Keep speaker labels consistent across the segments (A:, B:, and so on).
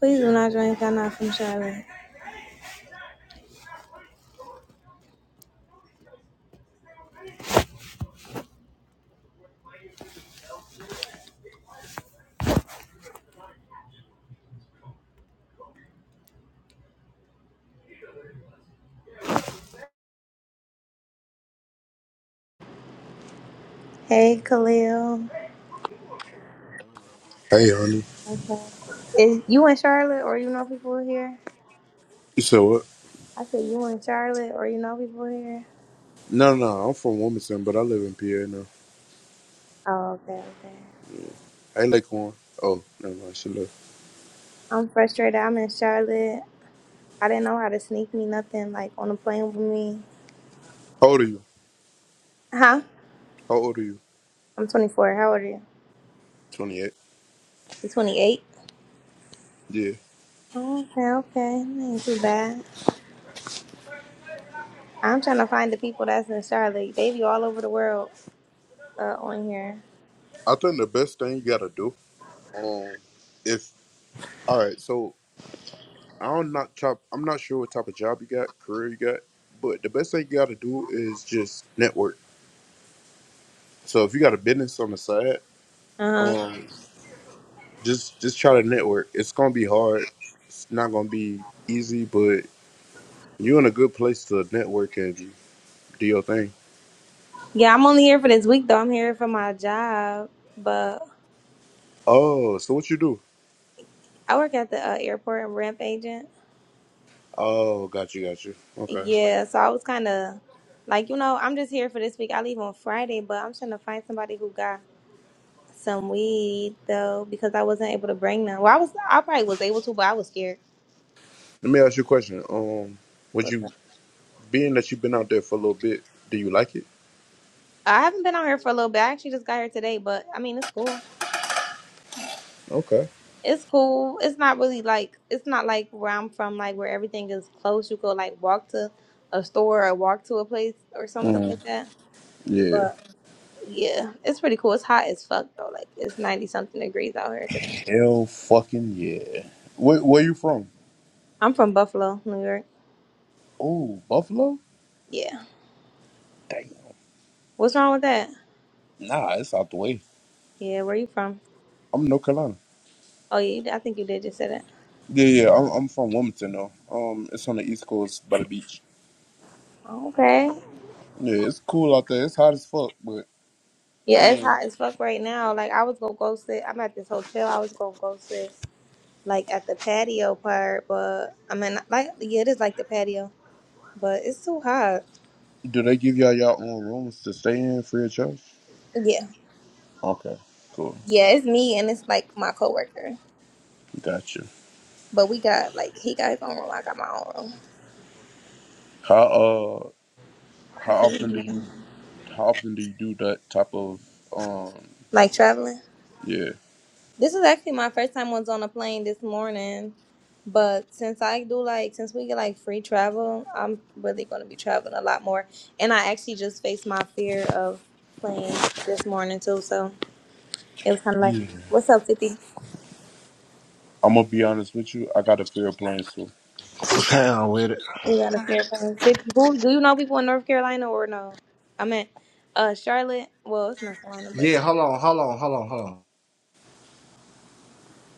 A: Please do not drink. I'm not from Charlotte. Hey, Khalil.
B: Hey, honey.
A: Okay. Is you in Charlotte or you know people here?
B: You said what?
A: I said you in Charlotte or you know people here?
B: No, no, no. I'm from Wilmington, but I live in PA now.
A: Oh, okay, okay.
B: Hey, Laquan. Oh, never mind. She left.
A: I'm frustrated. I'm in Charlotte. I didn't know how to sneak me nothing like on a plane with me.
B: How old are you?
A: Huh?
B: How old are you?
A: I'm 24. How old are you?
B: 28.
A: You 28?
B: Yeah.
A: Oh, Okay, okay. That ain't too bad. I'm trying to find the people that's in Charlotte. They be all over the world uh, on here.
B: I think the best thing you gotta do, um, if all right, so I am not not I'm not sure what type of job you got, career you got, but the best thing you gotta do is just network. So if you got a business on the side,
A: Uh huh.
B: um, just just try to network. It's gonna be hard. It's not gonna be easy, but you're in a good place to network and do your thing.
A: Yeah, I'm only here for this week though. I'm here for my job, but
B: Oh, so what you do?
A: I work at the uh, airport. I'm a ramp agent.
B: Oh, got you, got you. Okay.
A: Yeah, so I was kind of like, you know, I'm just here for this week. I leave on Friday, but I'm trying to find somebody who got some weed though because I wasn't able to bring them. Well, I was, I probably was able to, but I was scared.
B: Let me ask you a question. Um, would
A: What's
B: you,
A: up?
B: being that you've been out there for a little bit, do you like it?
A: I haven't been out here for a little bit. I actually just got here today, but I mean, it's cool.
B: Okay.
A: It's cool. It's not really like it's not like where I'm from, like where everything is close. You go like walk to a store or walk to a place or something
B: Mm,
A: like that.
B: yeah.
A: But yeah, it's pretty cool. It's hot as fuck though. Like it's ninety something degrees out here today.
B: Hell fucking yeah. Where, where you from?
A: I'm from Buffalo, New York.
B: Oh, Buffalo?
A: Yeah.
B: Damn.
A: What's wrong with that?
B: Nah, it's out the way.
A: Yeah, where you from?
B: I'm in North Carolina.
A: Oh yeah, you did- I think you did just say that.
B: Yeah, yeah. I'm, I'm from Wilmington, though. Um, it's on the East Coast by the beach.
A: Okay.
B: Yeah, it's cool out there. It's hot as fuck, but I
A: Yeah, it's
B: mean,
A: hot as fuck right now. Like I was gonna go sit. I'm at this hotel. I was gonna go sit like at the patio part, but I mean, like yeah, it is like the patio but it's too hot.
B: do they give y'all your own rooms to stay in free of charge?
A: Yeah,
B: Okay, cool.
A: yeah, it's me and it's like my coworker.
B: Gotcha.
A: But we got like he got his own room, I got my own
B: How uh
A: room.
B: how often do
A: Mhm.
B: you how often do you do that type of um
A: Like traveling.
B: yeah.
A: This is actually my first time was on a plane this morning. But since I do like since we get like free travel, I'm really gonna be traveling a lot more. And I actually just faced my fear of planes this morning too. So it was kind of like,
B: Yeah.
A: "What's up, 50?
B: I'm gonna be honest with you, I got a fear of planes too.
C: Down with it.
A: We got a fair playing fifty. Who do you know people in North Carolina or no? I meant uh Charlotte. Well, it's North Carolina,
C: Yeah,
A: but
C: hold on, hold on, hold on, hold on.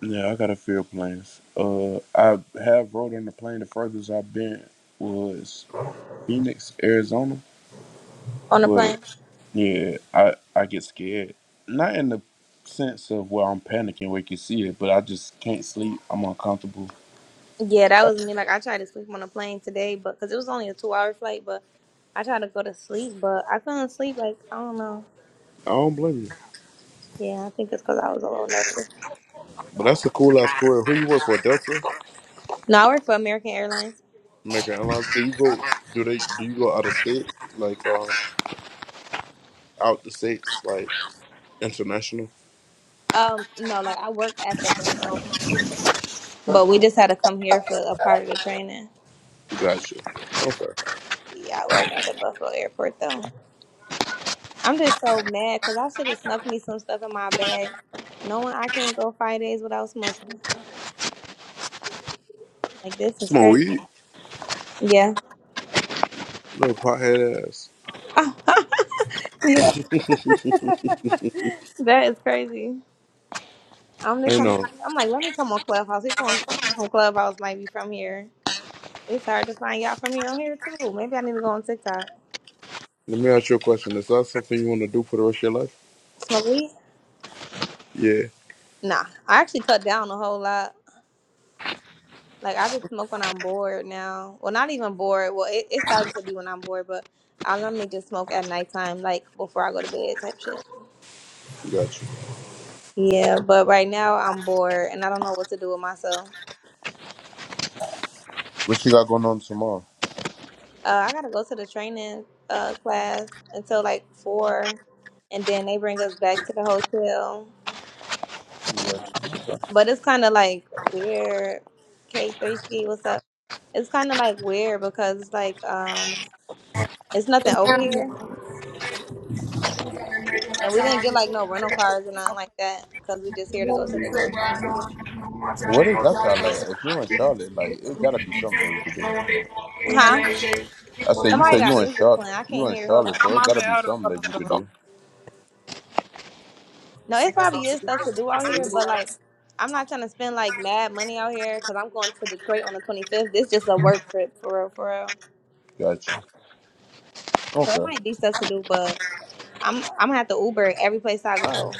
B: Yeah, I got a fear of planes. Uh I have rode on the plane the furthest I've been was Phoenix, Arizona,
A: on the plane.
B: but yeah, I I get scared. Not in the sense of where I'm panicking where you can see it, but I just can't sleep. I'm uncomfortable.
A: Yeah, that
B: I,
A: was me. Like I tried to sleep on the plane today, but because it was only a two-hour flight, but I tried to go to sleep, but I couldn't sleep. Like I don't know.
B: I don't blame you.
A: Yeah, I think it's because I was a little nervous.
B: But that's a cool ass career. Who you work for, Delta?
A: No, I work for American Airlines.
B: Make an alliance. Do you go? Do they? Do you go out of state? Like um, out the states? Like international?
A: Um, no, like I work at the Buffalo Airport, but we just had to come here for a part of the training.
B: Gotcha. Okay.
A: Yeah, I work at the Buffalo Airport though. I'm just so mad because I should have snuck me some stuff in my bag, knowing I can't go five days without smoking. Like this is
B: Smoke
A: crazy.
B: weed,
A: Yeah.
B: little pothead ass.
A: yeah. That is crazy. I'm just
B: I
A: trying to
B: know.
A: find. I'm like, let me come on Clubhouse. People on some people from Clubhouse might be from here. It's hard to find y'all from here. I'm here too. Maybe I need to go on TikTok.
B: Let me ask you a question. Is that something you want to do for the rest of your life?
A: Smoke weed?
B: Yeah.
A: Nah. I actually cut down a whole lot. Like I just smoke when I'm bored now. Well, not even bored. Well, it, it starts to be when I'm bored, but I normally just smoke at nighttime, like before I go to bed type shit.
B: Gotcha.
A: Yeah, but right now I'm bored and I don't know what to do with myself.
B: What you got going on tomorrow?
A: Uh, I gotta go to the training uh, class until like four, and then they bring us back to the hotel.
B: Gotcha. Okay.
A: But it's kind of like weird. K three ski, what's up? It's kind of like weird because it's like um, it's nothing over here, and we didn't get like no rental cars or nothing like that because we just here to go to the little training. Center.
B: What is that Charlotte? If you're in Charlotte, like it gotta be something that you could do.
D: Hell
A: Huh?
B: I say you
A: Somebody
B: say you
A: got
B: in
A: music
B: Charlotte,
A: playing. I
B: you
A: can't
B: in
A: hear. Hold
B: Charlotte,
A: on.
B: so it gotta be something that you could do.
A: No, it probably is stuff to do out here, but like, I'm not trying to spend like mad money out here because I'm going to Detroit on the 25th. This just a work trip for real, for real.
B: Gotcha.
A: So it
B: Okay.
A: might be stuff to do, but I'm I'm gonna have to Uber every place I go.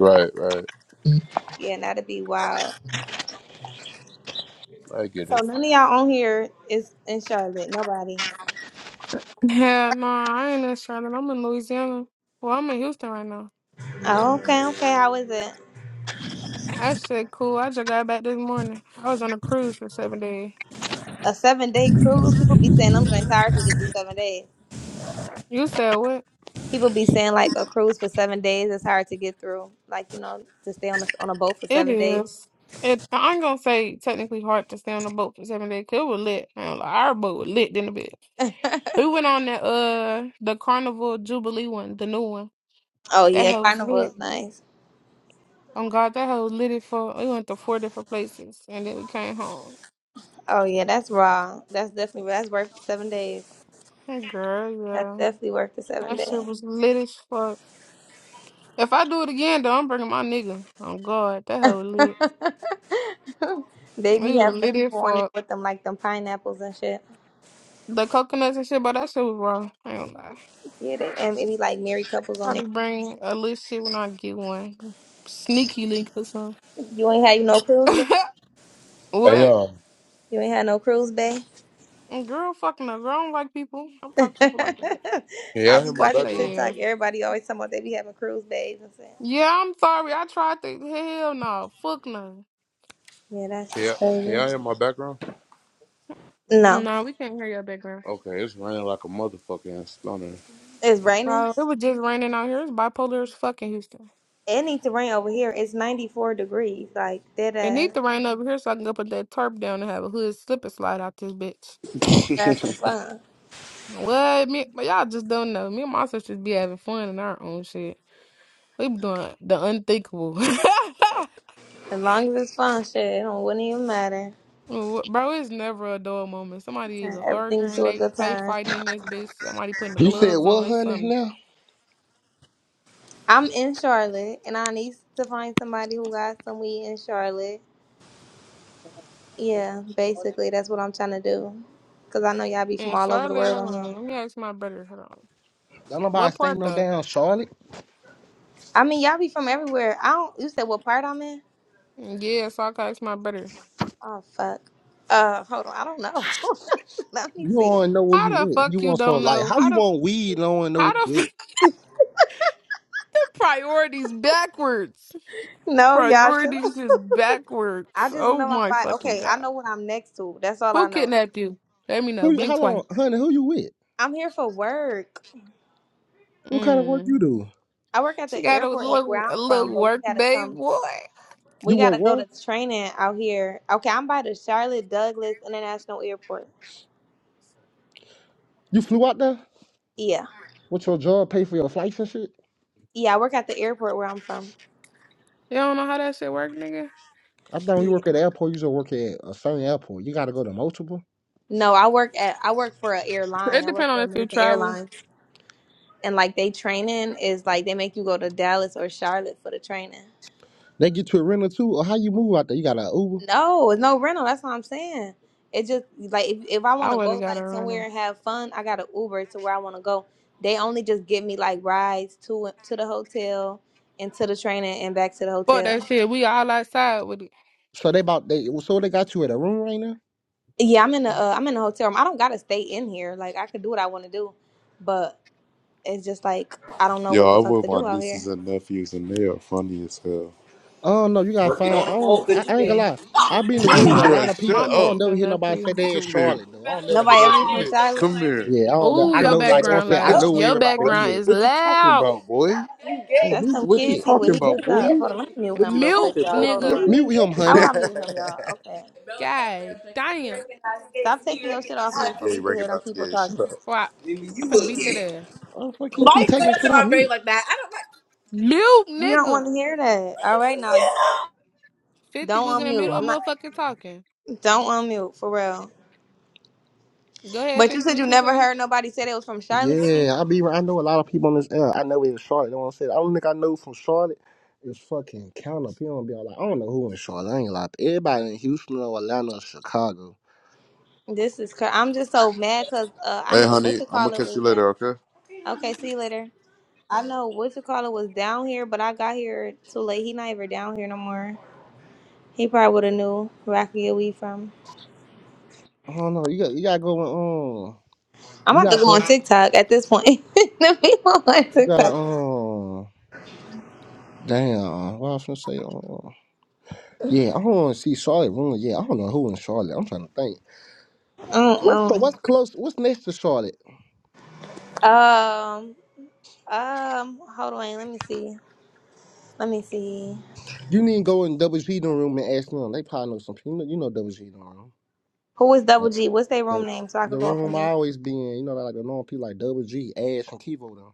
B: Right, right.
A: Yeah, and that'd be wild.
B: I get
A: So
B: it.
A: none of y'all on here is in Charlotte. Nobody.
D: no, I ain't in Charlotte. I'm in Louisiana. Well, I'm in Houston right now.
A: Oh, okay, okay. How is it?
D: I said cool. I just got back this morning. I was on a cruise for seven days.
A: A seven day cruise? People be saying I'm trying tired to get through seven days.
D: You said what?
A: People be saying like a cruise for seven days is hard to get through. Like you know, to stay on a, on a boat for
D: It
A: seven days.
D: is. It. I ain't gonna say technically hard to stay on the boat for seven days. 'cause it was lit. I ain't gonna lie, our boat was lit in a bit. We went on that uh the Carnival Jubilee one, the new one.
A: Oh
D: That
A: yeah,
D: hell was
A: carnival
D: lit.
A: is nice.
D: On God, that hell was lit. it For we went to four different places and then we came home.
A: Oh yeah, that's raw. That's definitely that's worth the seven days.
D: Hey girl,
A: That's
D: yeah.
A: definitely worth the seven
D: That shit was
A: days.
D: lit as fuck. If I do it again, though, I'm bringing my nigga. Oh God, that hell lit.
A: they be
D: We were
A: having the
D: lit as
A: people on there
D: fuck.
A: with them like them pineapples and shit.
D: the coconuts and shit, but that shit was raw. I ain't gonna lie.
A: Yeah, they, and it be like married couples on there.
D: Probably bring a little shit when I get one. Sneaky link or something.
A: You ain't had no cruise bay.
B: Hey, um,
D: what?
B: all
A: You ain't had no cruise bay.
D: Girl, fucking a Girl, I don't like people. I'm talking to people like that.
B: Can
A: I
B: y'all hear
A: was
B: my
D: Fuck
A: watching
B: background?
D: they ass.
A: TikTok. Everybody always talking about they be having cruise bays and shit.
D: Yeah, I'm sorry. I tried to. Hell no. Fuck no.
A: Yeah, that's
B: Can y'all,
A: just
B: can y'all
A: crazy.
B: hear my background?
A: No,
D: No, we can't hear your background.
B: Okay, it's raining like a motherfucker in stunner.
A: it's raining.
D: Well, it was just raining out here. It's bipolar as fucking Houston.
A: It needs to rain over here. It's ninety four degrees. Like
D: It
A: that.
D: need to rain over here so I can go put that tarp down and have a hood slip and slide out this bitch.
A: That's some fun.
D: What me but y'all just don't know. Me and my sisters be having fun in our own shit. We be doing the unthinkable.
A: As long as it's fun, shit, it don't wouldn't even matter.
D: Wh- Bro, it's never a dull moment. Somebody either
A: Turn everything
D: arguing,
A: to a
D: they
A: good
D: play
A: time.
D: fighting in this bitch, somebody putting the
C: You said
D: gloves on,
C: what,
D: it's
C: honey?
D: something.
C: Now
A: I'm in Charlotte, and I need to find somebody who got some weed in Charlotte. Yeah, basically, that's what I'm trying to do. Cause I know y'all be from
D: And
A: all over the
D: Charlotte,
A: world on
D: hold
A: here.
D: on, let me ask my brother, hold on.
C: don't nobody
D: What
C: stay
D: part
C: no
D: though?
C: damn Charlotte.
A: I mean, y'all be from everywhere. I don't. You said what part I'm in?
D: Mm, Yeah, so I can ask my brother.
A: Oh fuck. Uh, hold on. I don't know. Let me
C: You
A: see.
C: don't know where you
D: How the
C: went. You
D: fuck you
C: want some
D: don't
C: like
D: know?
C: how
D: How
C: you
D: the
C: want weed? and Don't know
D: how
C: where you
D: the
C: with.
D: fuck the priorities backwards?
A: No, y'all. Chill.
D: Priorities is backwards.
A: I just
D: Oh
A: know I'm
D: my
A: by.
D: fucking
A: Okay, I
D: god.
A: know what I'm next to. That's all
D: Who
A: I know.
D: kidnapped you? Let me know.
C: Who? You,
D: Blink
C: how
D: twice.
C: long, honey? Who you with?
A: I'm here for work.
C: What kind of work you
D: Mm.
C: do?
A: I work at
D: She
A: the
D: got a
A: airport at where
D: little
A: I'm
D: a
A: from,
D: little
A: but we
D: work
A: gotta
D: babe
A: come.
D: boy.
A: We
C: You work
A: gotta go
C: what?
A: to training out here. Okay, I'm by the Charlotte Douglas International Airport.
C: You flew out there?
A: Yeah,
C: What's your job? Pay for your flights and shit?
A: yeah. I work at the airport where I'm from.
D: You don't know how that shit work, nigga?
C: I thought when you
A: Yeah.
C: work at the airport. You just work at a certain airport. You gotta go to multiple.
A: No, I work at I work for an
D: It
A: airline. I work
D: depend on
A: for
D: if you
A: American
D: travel.
A: Airlines, and like they training is like they make you go to Dallas or Charlotte for the training.
C: They get you a rental too, or how you move out there? You got an Uber.
A: No, it's no rental. That's what I'm saying. It just like if, if I want
D: I
A: to
D: would have
A: go
D: got a
A: like somewhere
D: rental.
A: and have fun, I got to Uber to where I want to go. They only just give me like rides to to the hotel and to the training and and back to the
D: Fuck that
A: hotel.
D: shit. We all outside with it.
C: So they about they so they got you at a room right now.
A: Yeah, I'm in the uh, I'm in the hotel room. I don't gotta stay in here. Like I could do what I want to do, but it's just like I don't know
B: Yo,
A: what the
B: I'm
A: fuck
B: with
A: to
B: my
A: do out
B: nieces
A: here.
B: and nephews, and they are funny as hell.
C: Oh no, you gotta
B: Working
C: find.
B: on
C: I
B: the pole,
C: don't.
B: good
C: I,
B: you
C: I ain't gonna
B: game.
C: lie. I be in the
D: Me and
C: room with a
D: my
C: lot of
B: Bruh,
D: my
C: people.
B: shut
C: I don't
B: up.
D: nieces
C: never
D: and
C: hear nobody say
D: nephews.
C: they in
B: Come here.
C: Charlotte though. I don't never hear
A: Nobody
C: that
A: ever be
B: Come
C: shit.
A: from
B: here.
A: Charlotte.
B: Come here.
C: Yeah, I don't know.
B: Come
D: Oh,
C: I
B: here.
D: your
C: know
B: What you
C: like don't
D: background
B: talking?
C: say I
B: What you?
D: loud.
C: know where
D: Your
C: everybody
B: What you?
D: background
C: be at.
D: is
B: What you talking
D: loud.
B: about, boy?
C: Hey,
A: That's
C: mute
A: some
C: his
B: What you
A: kid.
C: shit.
A: See what
B: talking
C: Mute
A: he
C: his
A: could
B: about, boy?
C: background.
A: stop. Hold on, let me mute
B: What you
A: him real
D: Mute,
A: quick,
B: talking
A: y'all.
B: about, boy?
A: Hold
D: nigga.
A: on.
C: Mute him,
A: How
C: honey.
A: I mute him, y'all? Okay.
B: belly
D: God
B: out there. He
D: damn.
B: recognized gay.
A: Stop
B: He
A: taking your shit off mute
B: recognized
A: before
B: Gay,
A: we can hear them
B: recognized
A: people
B: gay. Shut
A: talking.
B: up.
D: Why?
B: Nigga,
D: I'm
B: you
D: finna
B: look
D: beat that
B: gay.
D: ass.
C: Oh fuck, he,
B: Why
C: he
B: you sit
C: taking
B: up
C: shit
B: in
C: off
B: my grave
C: mute.
B: like that? I don't like.
D: Mute,
A: We don't
D: nigga.
A: want to hear that. All right now,
D: 50
A: don't
D: was in the
A: unmute.
D: middle of
A: I'm not.
D: motherfucking talking.
A: Don't unmute for real.
D: Go ahead,
A: But you
D: 50,
A: said you
D: what you
A: never
D: saying?
A: heard nobody say they was from Charlotte, fifty.
C: Yeah, I be. I know a lot of people on this air. I know it's Charlotte. Don't say. The only thing I know from Charlotte is fucking count up. People don't be all like, I don't know who in Charlotte. I ain't gonna lie. everybody in Houston or Atlanta or Chicago.
A: This is. Cr- I'm just so mad because uh, I
B: Hey,
A: know what
B: honey,
A: you
B: I'm gonna
A: call it
B: catch you
A: was down.
B: later, okay?
A: Okay, see you later. I know what you call it was down here, but I got here too late. He not even down here no more. He probably would have knew where I could get weed from.
C: I don't know. You got you gotta go with um.
A: I'm
C: You
A: about to
C: gotta
A: go on
C: go.
A: TikTok at this point. the people on
C: You gotta
A: TikTok.
C: um. Damn, what I was gonna say? Uh, yeah, I don't want to see Charlotte ruin. Yeah, I don't know who in Charlotte. I'm trying to think.
A: I don't
C: What's so? What's close? What's next to Charlotte?
A: know. Um. Um, hold on, let me see. Let me see.
C: You need to go in WG the room and ask them. They probably know some people. You know, you know WG the room,
A: Who is Double
C: like
A: G? What's their
C: the
A: room name so I
C: the
A: could go up in
C: room I
A: there?
C: always be in. You know, like the normal people like WG, Ash and Kivo. Though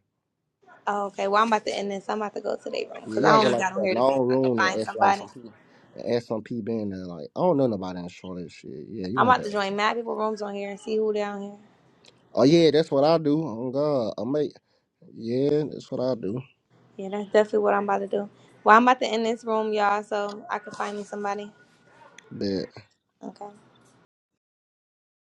A: Oh, okay. Well, I'm about to end this. I'm about to go to their room
C: Yeah, you
A: because I
C: gotta go
A: only
C: like
A: got
C: to
A: on
C: a
A: here to see if
C: long
A: I can
C: room and
A: find
C: ask like some
A: somebody.
C: people. And ask some people in there, like I don't know nobody in Charlotte. Shit, yeah, you
A: I'm
C: gonna have
A: about to
C: to ask
A: join
C: them.
A: mad people rooms on here and see who down here.
C: Oh yeah, that's what I do. Oh God, I make yeah, that's what I do.
A: Yeah, that's definitely what I'm about to do. Well, I'm about to end this room, y'all, so I can find me somebody.
C: But.
A: Okay.